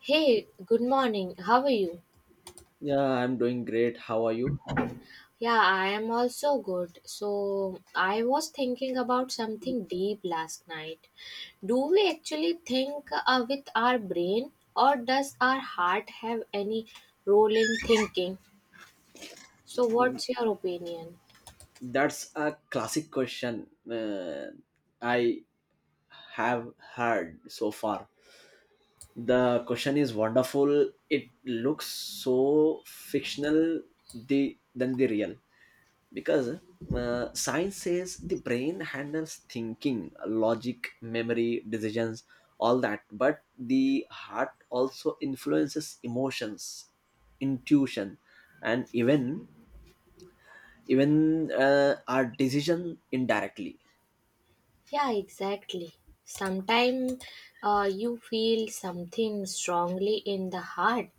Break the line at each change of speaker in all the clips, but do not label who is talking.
Hey, good morning. How are you?
Yeah, I'm doing great. How are you?
Yeah, I am also good. So, I was thinking about something deep last night. Do we actually think with our brain, or does our heart have any role in thinking? So,
Mm,
what's your opinion?
That's a classic question I have heard so far. The question is wonderful. It looks so fictional the than the real because science says the brain handles thinking, logic, memory, decisions, all that. But the heart also influences emotions, intuition, and even our decision indirectly.
Yeah, exactly. Sometimes you feel something strongly in the heart,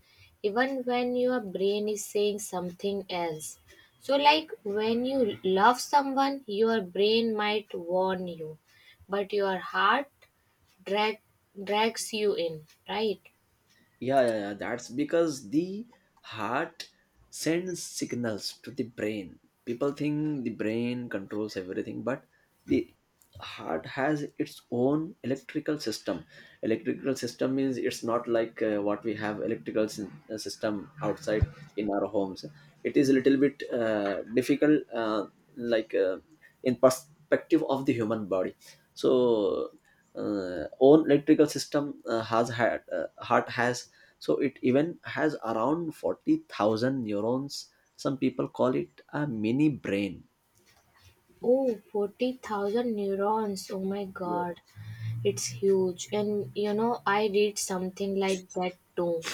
even when your brain is saying something else. So, like when you love someone, your brain might warn you, but your heart drag, drags you in, right?
Yeah, yeah, yeah, that's because the heart sends signals to the brain. People think the brain controls everything but the heart has its own electrical system. Electrical system means it's not like what we have electrical system outside in our homes. It is a little bit difficult, like uh, in perspective of the human body. So own electrical system, has had heart has, so it even has around 40,000 neurons. Some people call it a mini brain.
Oh, 40,000 neurons. Oh my
Yeah.
god. It's huge. And you know, I read something like that too.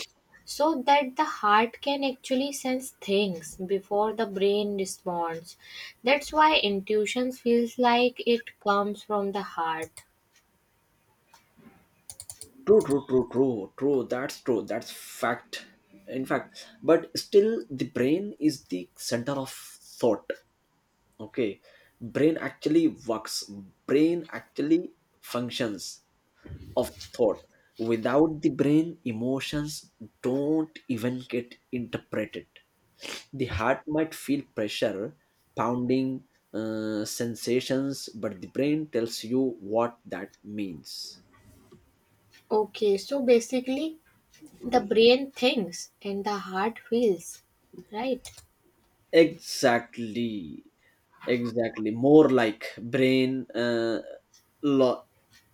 So that the heart can actually sense things before the brain responds. That's why intuition feels like it comes from the heart.
True, true, true, true, true. That's true. That's fact. In fact, but still, the brain is the center of thought. Okay. Brain actually works, brain actually functions. Of thought. Without the brain, emotions don't even get interpreted. The heart might feel pressure, pounding sensations, but the brain tells you what that means.
Okay, so basically, the brain thinks and the heart feels, right?
Exactly, exactly. More like brain, law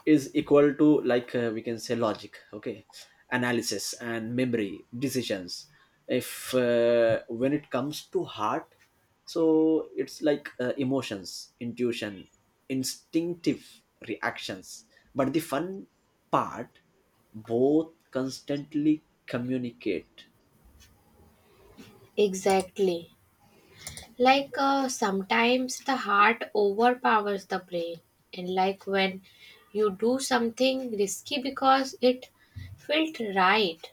is equal to like, we can say logic. Okay, analysis and memory decisions. If When it comes to heart, so it's like emotions, intuition, instinctive reactions. But the fun part, both constantly communicate.
Exactly. Like, sometimes the heart overpowers the brain, and like when you do something risky because it felt right.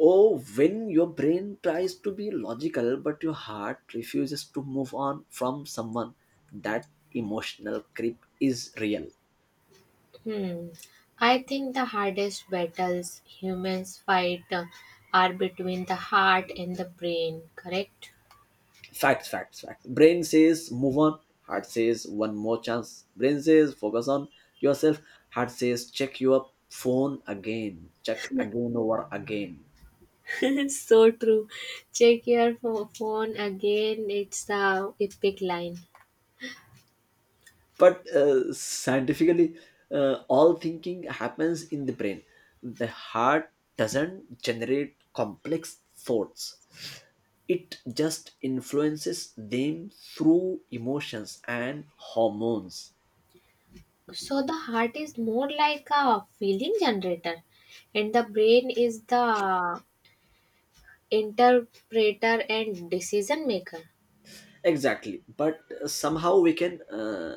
Oh, when your brain tries to be logical but your heart refuses to move on from someone, that emotional creep is real.
Hmm. i think the hardest battles humans fight are between the heart and the brain, correct?
Facts, facts, facts. Brain says move on, heart says one more chance. Brain says focus on yourself, heart says check your phone again, check again over again.
So true. Check your phone again, it's the epic line.
But scientifically, all thinking happens in the brain. The heart doesn't generate complex thoughts, it just influences them through emotions and hormones.
So the heart is more like a feeling generator and the brain is the interpreter and decision maker.
Exactly, but somehow we can,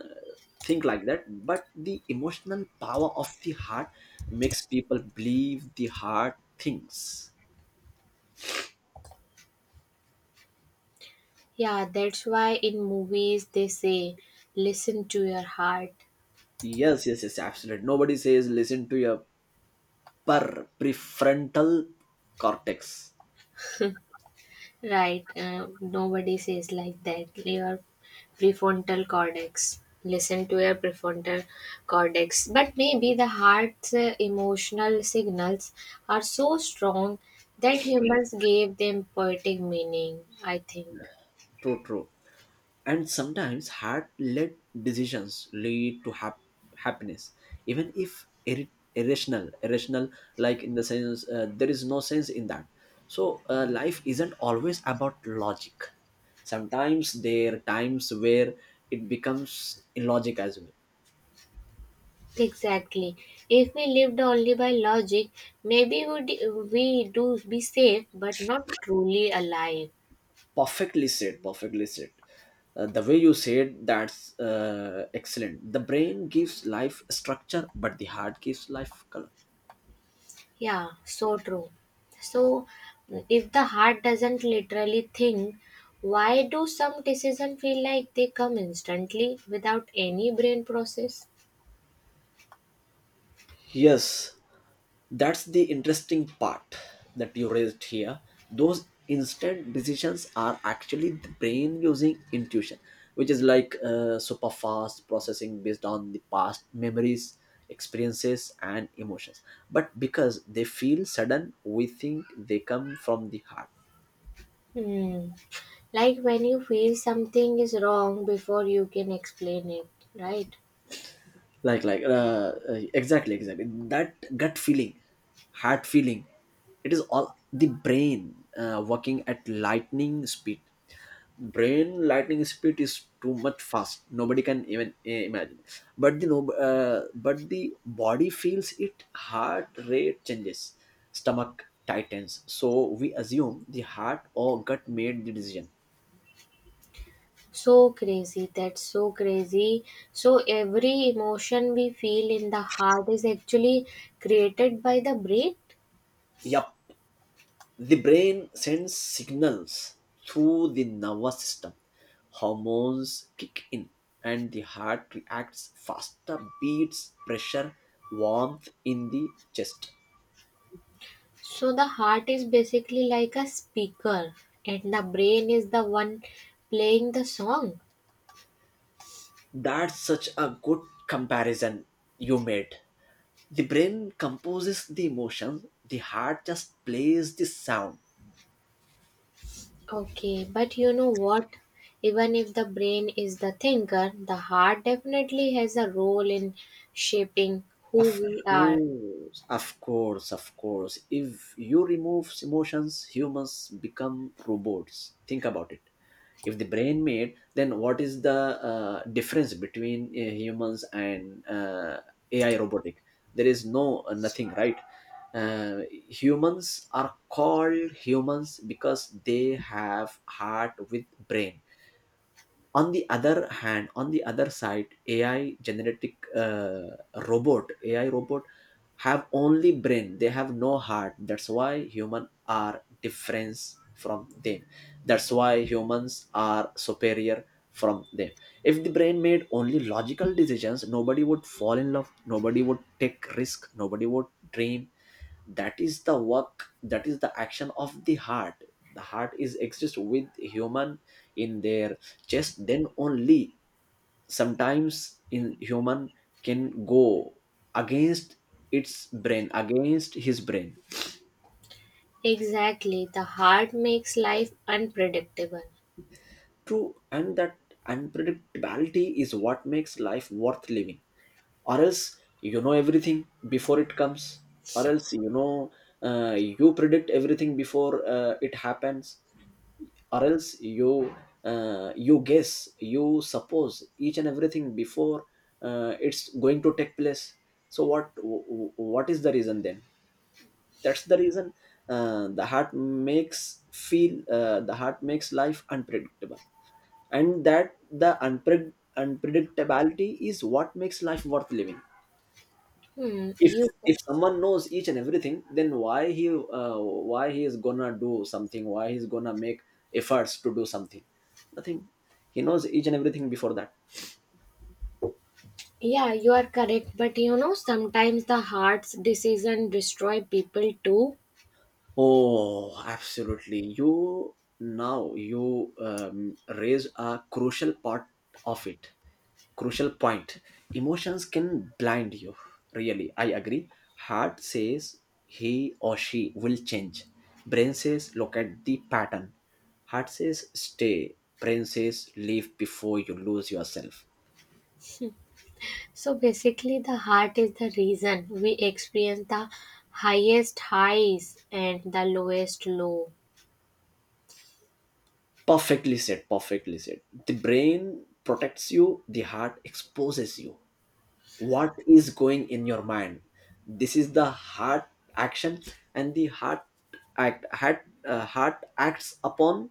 think like that, but the emotional power of the heart makes people believe the heart thinks.
Yeah, that's why in movies they say, listen to your heart.
Yes, yes, yes, absolutely. Nobody says listen to your per prefrontal cortex.
Right, nobody says like that. Your prefrontal cortex. Listen to your prefrontal cortex. But maybe the heart's emotional signals are so strong that humans gave them poetic meaning, I think.
True, true. And sometimes heart-led decisions lead to hap- happiness, even if ir- irrational. Irrational, like in the sense, there is no sense in that. So life isn't always about logic. Sometimes there are times where it becomes illogic as well.
Exactly. If we lived only by logic, maybe would we do be safe, but not truly alive.
Perfectly said, perfectly said. The way you said, that's excellent. The brain gives life structure but the heart gives life color.
Yeah, so true. So, if the heart doesn't literally think, why do some decisions feel like they come instantly without any brain process?
Yes, that's the interesting part that you raised here. Those instant decisions are actually the brain using intuition, which is like super fast processing based on the past memories, experiences, and emotions. But because they feel sudden, we think they come from the heart.
Hmm. Like when you feel something is wrong before you can explain it, right?
Like, exactly, exactly. That gut feeling, heart feeling, it is all the brain working at lightning speed. Brain lightning speed is too much fast, nobody can even imagine. But the no, but the body feels it. Heart rate changes, stomach tightens, so we assume the heart or gut made the decision.
So crazy. That's so crazy. So every emotion we feel in the heart is actually created by the brain.
Yep. The brain sends signals through the nervous system. Hormones kick in, and the heart reacts faster beats, pressure, warmth in the chest.
So the heart is basically like a speaker and the brain is the one playing the song.
That's such a good comparison you made. The brain composes the emotions, the heart just plays the sound.
Okay, but you know what? Even if the brain is the thinker, the heart definitely has a role in shaping who
Of
we are.
course, of course, of course. If you remove emotions, humans become robots. Think about it. If the brain made, then what is the difference between humans and AI robotic? There is no nothing, right? Uh, Humans are called humans because they have heart with brain. On the other side, ai genetic, uh, robot ai robot have only brain, they have no heart. That's why human are different from them, that's why humans are superior from them. If the brain made only logical decisions, nobody would fall in love, nobody would take risk, nobody would dream. That is the work, that is the action of the heart. The heart is exist with human in their chest, then only sometimes in human can go against its brain against his brain.
Exactly. The heart makes life unpredictable.
True, and that unpredictability is what makes life worth living. Or else you know everything before it comes, or else you know, you predict everything before it happens. Or else you, you guess, you suppose each and everything before it's going to take place. So what is the reason then? That's the reason, the heart makes life unpredictable, and that the unpredictability is what makes life worth living.
Hmm,
if
you
if someone knows each and everything, then why he is gonna do something, why he's gonna make efforts to do something? Nothing, he knows each and everything before that.
Yeah, you are correct. But you know, sometimes the heart's decision destroy people too.
Oh, absolutely. You raise a crucial part of it. Crucial point. Emotions can blind you. Really, I agree. Heart says he or she will change. Brain says look at the pattern. Heart says stay. Brain says leave before you lose yourself.
So basically, the heart is the reason we experience the highest highs and the lowest low.
Perfectly said. Perfectly said. The brain protects you. The heart exposes you. What is going in your mind, this is the heart action. And the act heart heart acts upon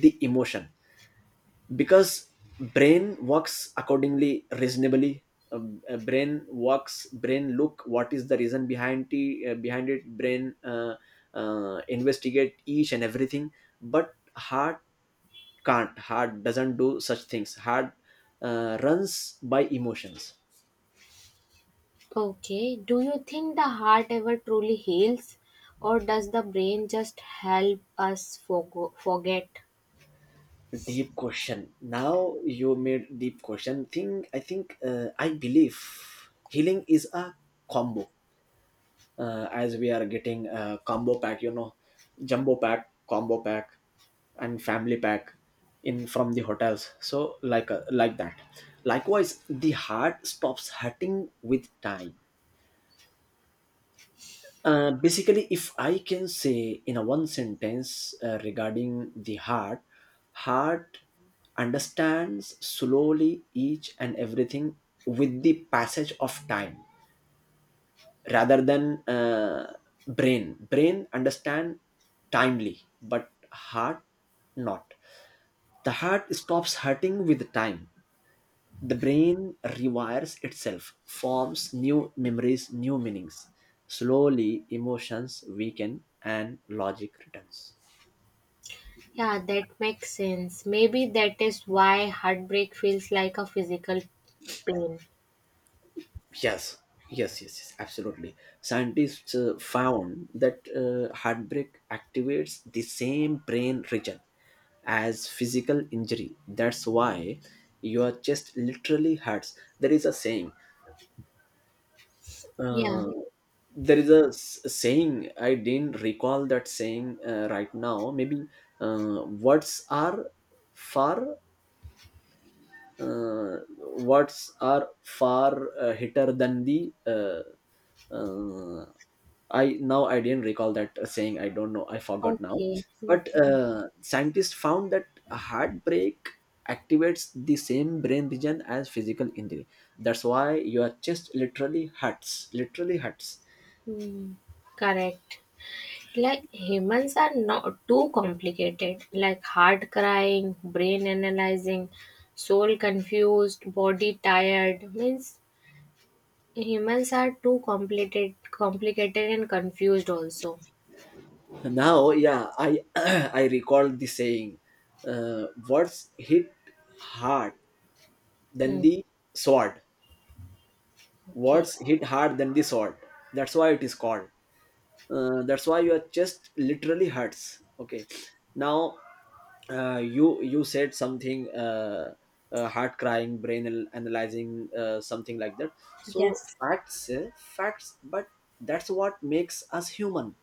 the emotion, because brain works accordingly, reasonably. Brain works, brain look what is the reason behind the behind it. Brain investigate each and everything. But heart can't, heart doesn't do such things. Heart runs by emotions.
Okay, do you think the heart ever truly heals, or does the brain just help us forget?
Deep question. Now you made deep question. Think I believe healing is a combo. As we are getting a combo pack, you know, jumbo pack, combo pack, and family pack in from the hotels. So like that. Likewise, the heart stops hurting with time. Basically, if I can say in a one sentence regarding the heart, heart understands slowly each and everything with the passage of time, rather than brain. Brain understand timely, but heart not. The heart stops hurting with time. The brain rewires itself, forms new memories, new meanings. Slowly, emotions weaken and logic returns.
Yeah, that makes sense. Maybe that is why heartbreak feels like a physical pain.
Yes, yes, yes, yes, absolutely. Scientists found that heartbreak activates the same brain region as physical injury. That's why your chest literally hurts. There is a saying,
Yeah,
uh, there is a s- saying, I didn't recall that saying right now. Maybe uh, words are far uh, words are far hitter than the, uh, I now I didn't recall that saying, I don't know, I forgot now.
okay. Mhm.
But scientists found that a heartbreak activates the same brain region as physical injury. That's why your chest literally hurts, literally hurts.
Hmm, correct. Like humans are not too complicated, like heart crying, brain analyzing, soul confused, body tired. Means humans are too complicated, complicated and confused also.
Now, yeah, I I recall the saying, words hit hard than
Hmm,
the sword.
okay.
Words hit hard than the sword. That's why it is called. That's why your chest literally hurts. Okay, now you, you said something, heart crying, brain al- analyzing, something like that. So
Yes.
facts, eh, facts, but that's what makes us human.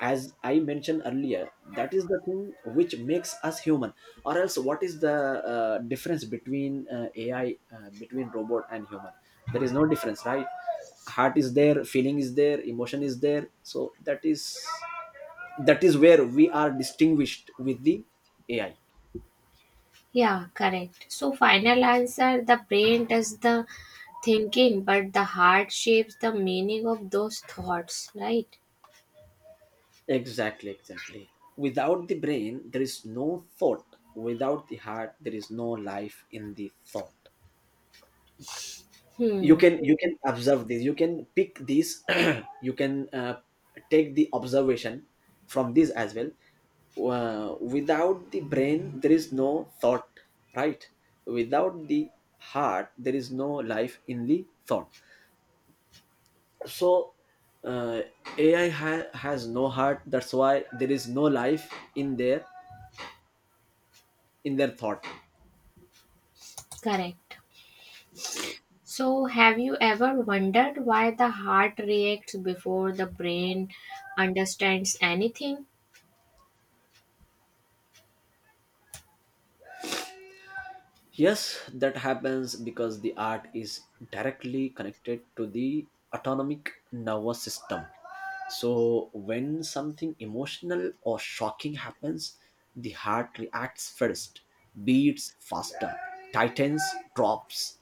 As I mentioned earlier, that is the thing which makes us human, or else what is the difference between ai, between robot and human? There is no difference, right? Heart is there, feeling is there, emotion is there, so that is, that is where we are distinguished with the ai.
Yeah, correct. So final answer, the brain does the thinking, but the heart shapes the meaning of those thoughts, right?
Exactly, exactly. Without the brain there is no thought, without the heart there is no life in the thought. You
Hmm,
can, you can observe this, you can pick these. You can take the observation from this as well. Without the brain there is no thought, right? Without the heart there is no life in the thought. So uh, has no heart, that's why there is no life in their, in their thought.
correct. So, have you ever wondered why the heart reacts before the brain understands anything?
Yes, that happens because the art is directly connected to the autonomic nervous system. So, when something emotional or shocking happens, the heart reacts first, beats faster, tightens, drops,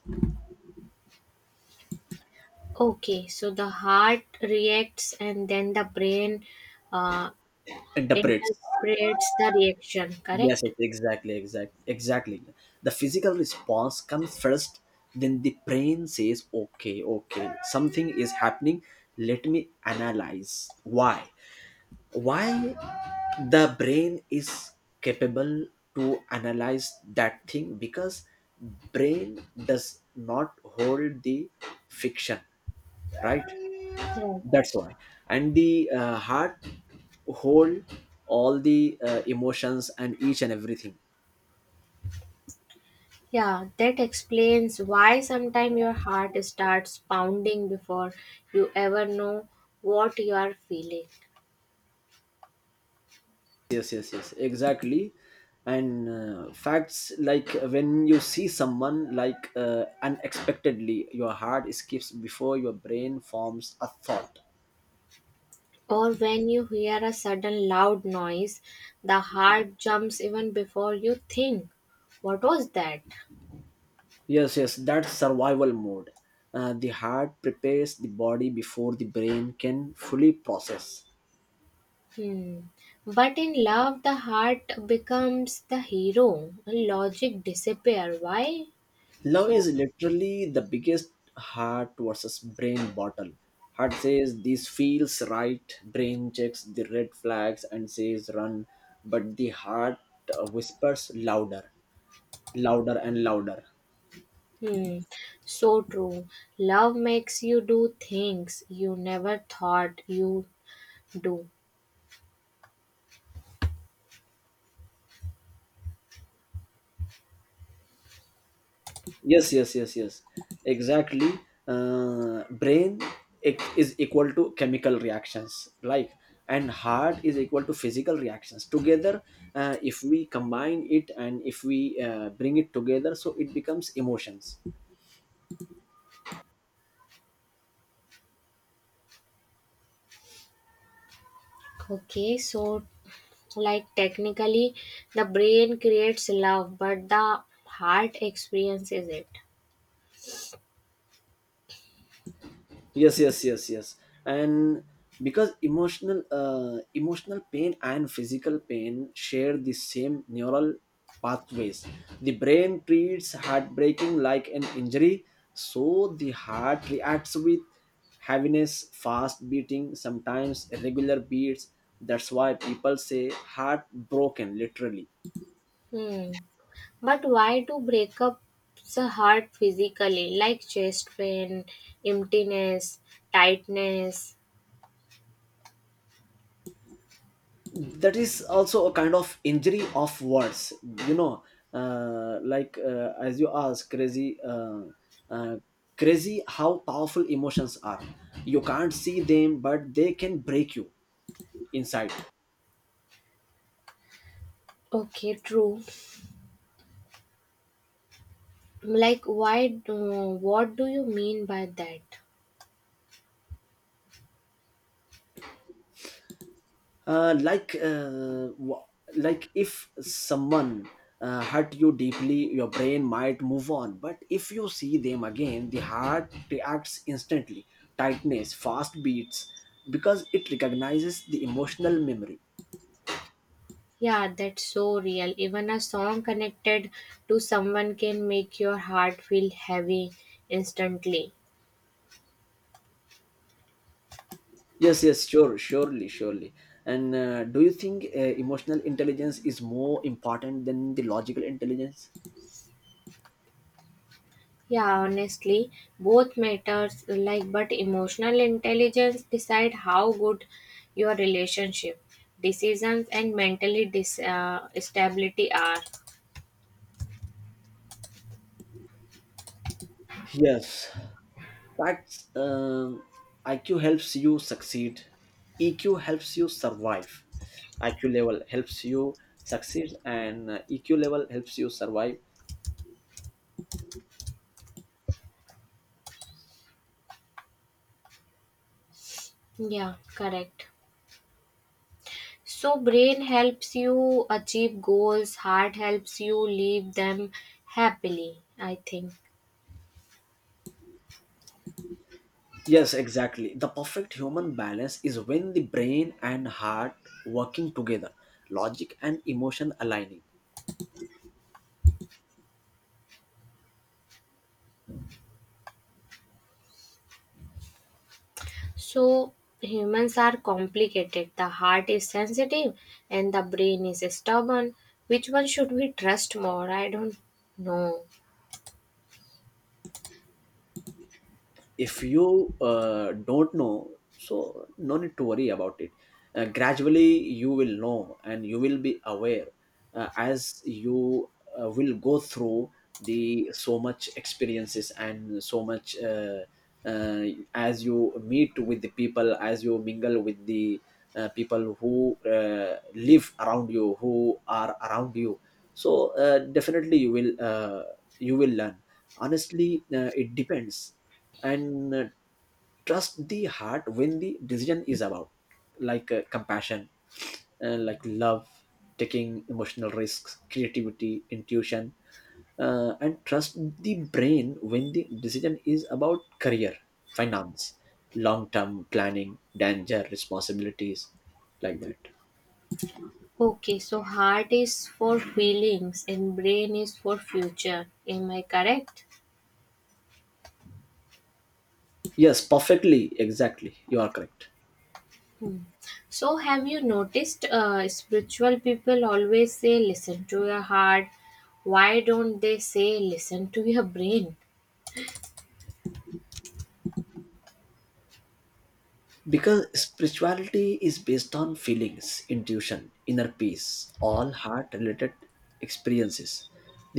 Okay, so the heart reacts and then the brain uh,
interprets.
interprets the reaction,
Yes,
correct?
yes, exactly, exact, exactly. The physical response comes first, then the brain says, okay, okay, something is happening, let me analyze why the brain is capable to analyze that thing, because brain does not hold the fiction, right?
Right.
That's why. And the heart hold all the emotions and each and everything.
Yeah, that explains why sometimes your heart starts pounding before you ever know what you are feeling.
Yes, yes, yes, exactly. And facts, like when you see someone like unexpectedly, your heart skips before your brain forms a thought.
Or when you hear a sudden loud noise, the heart jumps even before you think, what was that?
Yes, yes, that's survival mode. The heart prepares the body before the brain can fully process.
Hmm. But in love, the heart becomes the hero, and logic disappear. Why?
Love
So,
is literally the biggest heart versus brain battle. Heart says this feels right, brain checks the red flags and says run, but the heart whispers louder, louder, and louder.
hmm, so true. Love makes you do things you never thought you do.
Yes, exactly. Brain is equal to chemical reactions, like, and heart is equal to physical reactions together. If we combine it and if we bring it together, so it becomes emotions.
Okay, so like technically, the brain creates love, but the heart experiences it.
Yes. And because emotional emotional pain and physical pain share the same neural pathways, the brain treats heartbreaking like an injury. So the heart reacts with heaviness, fast beating, sometimes irregular beats. That's why people say heartbroken literally.
Hmm. But why do breakups hurt physically, like chest pain, emptiness, tightness?
That is also a kind of injury of words, you know like, as you ask, crazy, uh, crazy how powerful emotions are. You can't see them, but they can break you inside.
Okay, true. Like, why? What do you mean by that?
uh, like uh, w- like, if someone hurt you deeply, your brain might move on, but if you see them again, the heart reacts instantly. Tightness, fast beats, because it recognizes the emotional memory.
Yeah, that's so real. Even a song connected to someone can make your heart feel heavy instantly.
Yes, yes, sure, surely, surely. And do you think emotional intelligence is more important than the logical intelligence?
Yeah, honestly, both matters like but emotional intelligence decide how good your relationship, decisions and mentally stability are.
Yes. Facts. IQ helps you succeed. EQ helps you survive. IQ level helps you succeed, and EQ level helps you survive.
Yeah, correct. So brain helps you achieve goals, heart helps you leave them happily, I think.
Yes, exactly. The perfect human balance is when the brain and heart working together, logic and emotion aligning.
So humans are complicated. The heart is sensitive and the brain is stubborn. Which one should we trust more? I don't know.
If you don't know, so no need to worry about it. Gradually you will know and you will be aware, as you will go through the so much experiences and so much uh, as you meet with the people, as you mingle with the people who live around you, who are around you. So definitely you will learn. Honestly, it depends. And trust the heart when the decision is about, like, compassion and like love, taking emotional risks, creativity, intuition. And trust the brain when the decision is about career, finance, long term planning, danger, responsibilities, like that.
Okay, so heart is for feelings and brain is for future. Am I correct?
Yes, perfectly, exactly, you are correct.
So, have you noticed spiritual people always say listen to your heart? Why don't they say listen to your brain?
Because spirituality is based on feelings, intuition, inner peace, all heart related experiences.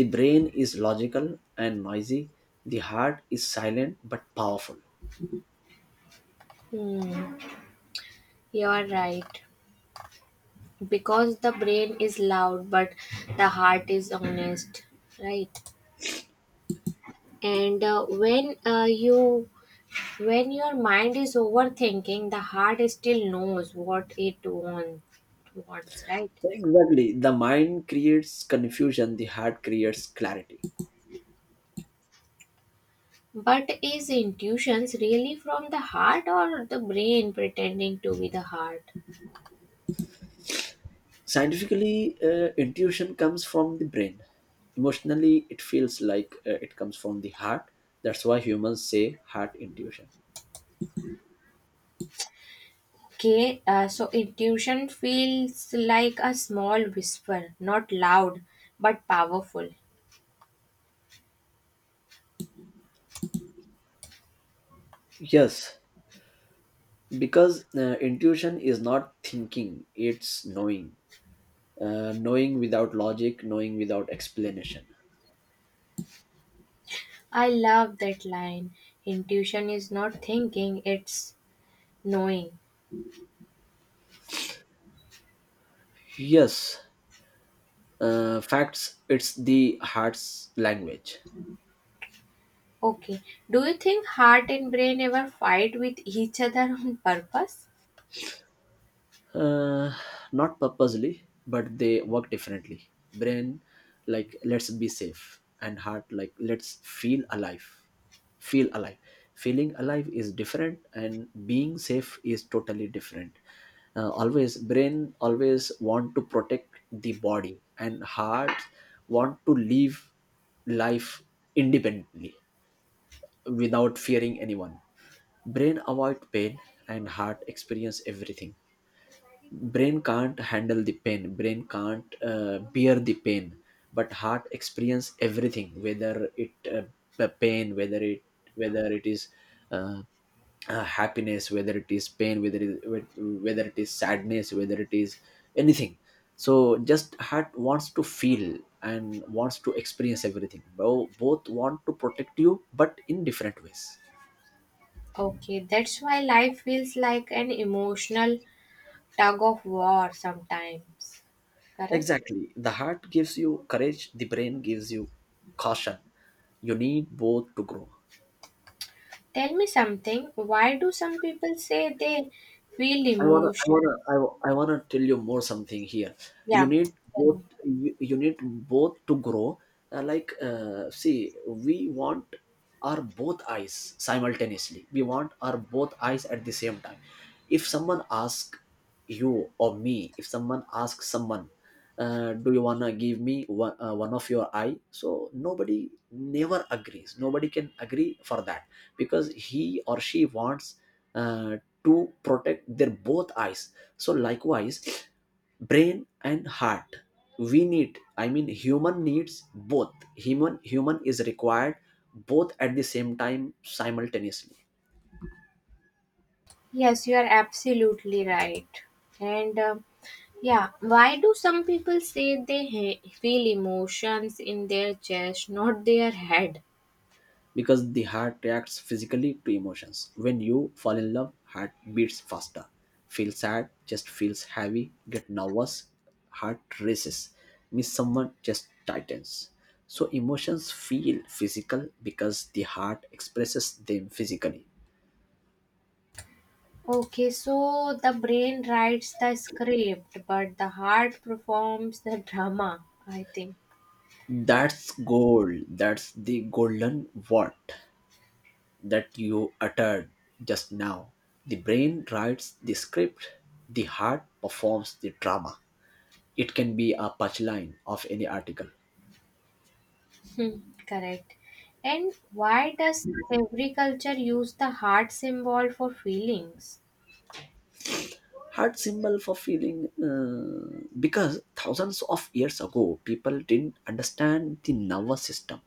The brain is logical and noisy. The heart is silent but powerful.
Hmm, you are right. Because the brain is loud, but the heart is honest, right? And when your mind is overthinking, the heart still knows what it wants, right?
Exactly. The mind creates confusion, the heart creates clarity.
But is intuitions really from the heart or the brain pretending to be the heart?
Scientifically, intuition comes from the brain. Emotionally, it feels like it comes from the heart. That's why humans say heart intuition.
Okay, so intuition feels like a small whisper, not loud, but powerful.
Yes. Because intuition is not thinking, it's knowing. Knowing without logic, knowing without explanation.
I love that line. Intuition is not thinking, it's knowing.
Yes. Facts. It's the heart's language.
Okay, do you think heart and brain ever fight with each other on purpose?
uh, Not purposely, but they work differently. Brain like let's be safe, and heart like let's feel alive. Feel alive. Feeling alive is different and being safe is totally different. Always brain always want to protect the body, and heart want to live life independently, without fearing anyone. Brain avoid pain, and heart experience everything. Brain can't handle the pain, brain can't bear the pain, but heart experience everything, whether it the pain, whether it is uh, happiness, whether it is pain, whether it is sadness, whether it is anything. So just heart wants to feel and wants to experience everything. Both want to protect you but in different ways.
Okay, that's why life feels like an emotional tug of war sometimes. Correct?
Exactly. The heart gives you courage, the brain gives you caution. You need both to grow.
Tell me something. Why do some people say they feel emotion?
I wanna tell you more something here. You
Yeah.
need
Tell me.
both. You need both to grow. See, we want our both eyes simultaneously. We want our both eyes at the same time. If someone asks you or me, if someone asks someone, do you wanna give me one, one of your eye, so nobody never agrees, nobody can agree for that, because he or she wants uh, to protect their both eyes. So likewise, brain and heart, we need, I mean, human needs both. Human is required both at the same time, simultaneously.
Yes, you are absolutely right. And yeah, why do some people say they feel emotions in their chest, not their head?
Because the heart reacts physically to emotions. When you fall in love, heart beats faster. Feel sad, chest feels heavy. Get nervous, heart races. Miss someone, chest tightens. So emotions feel physical because the heart expresses them physically.
Okay, so the brain writes the script, but the heart performs the drama, I think.
That's gold, that's the golden word that you uttered just now. The brain writes the script, the heart performs the drama. It can be a punchline of any article.
Hmm, correct. And why does every culture use the heart symbol for feelings?
Heart symbol for feeling, because thousands of years ago people didn't understand the nervous system.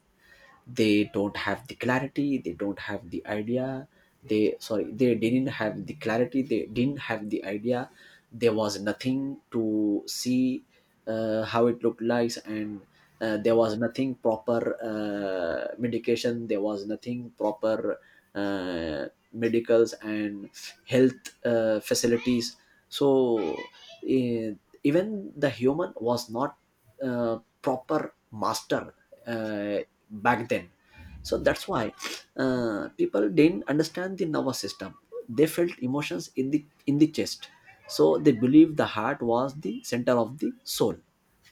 They don't have the clarity, they don't have the idea. They, sorry, they didn't have the clarity, they didn't have the idea. There was nothing to see, how it looked like. And there was nothing proper, medication. There was nothing proper, uh, medicals and health facilities. So, eh, even the human was not proper master, Uh back then. So that's why people didn't understand the nervous system. They felt emotions in the chest, so they believed the heart was the center of the soul.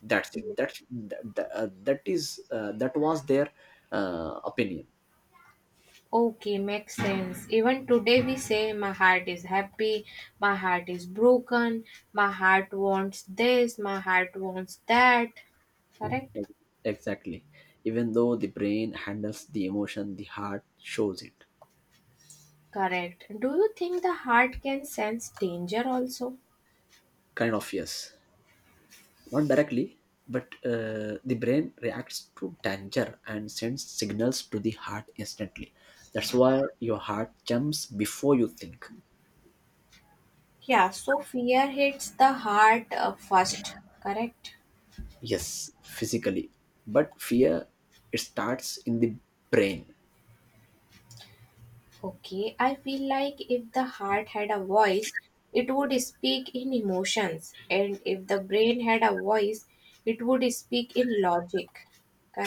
That's it. That was their opinion.
Okay, makes sense. Even today we say my heart is happy, my heart is broken, my heart wants this, my heart wants that. Correct?
Exactly. Even though the brain handles the emotion, the heart shows it.
Correct. Do you think the heart can sense danger also?
Kind of, yes. Not directly, but the brain reacts to danger and sends signals to the heart instantly. That's why your heart jumps before you think.
Yeah, so fear hits the heart first. Correct?
Yes, physically, but fear, it starts in the brain.
Okay, I feel like if the heart had a voice, it would speak in emotions, and if the brain had a voice, it would speak in logic.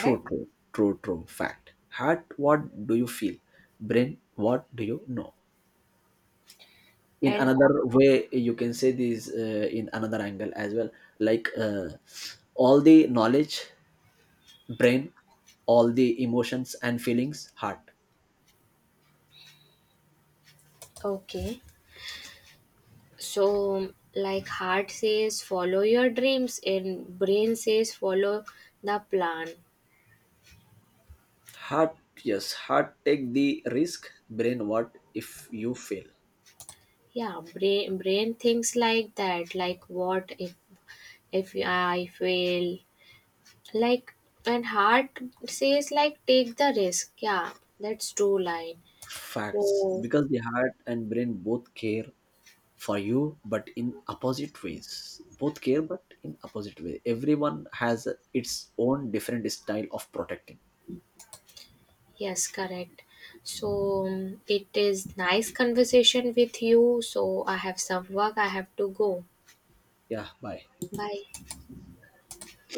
True, true, true, true. Fact. Heart, what do you feel? Brain, what do you know? In
And
another way you can say this, in another angle as well. Like, all the knowledge, brain. All the emotions and feelings, heart.
okay. So, like heart says follow your dreams and brain says follow the plan.
Heart, yes, heart take the risk. Brain, what if you fail?
Yeah, brain thinks like that. Like what if I fail? Like when heart says like take the risk, yeah, that's true line.
Facts.
So
Because the heart and brain both care for you but in opposite ways. Both care but in opposite way. Everyone has its own different style of protecting.
yes, correct. So it is nice conversation with you, so I have some work, I have to go.
Yeah, bye.
Bye.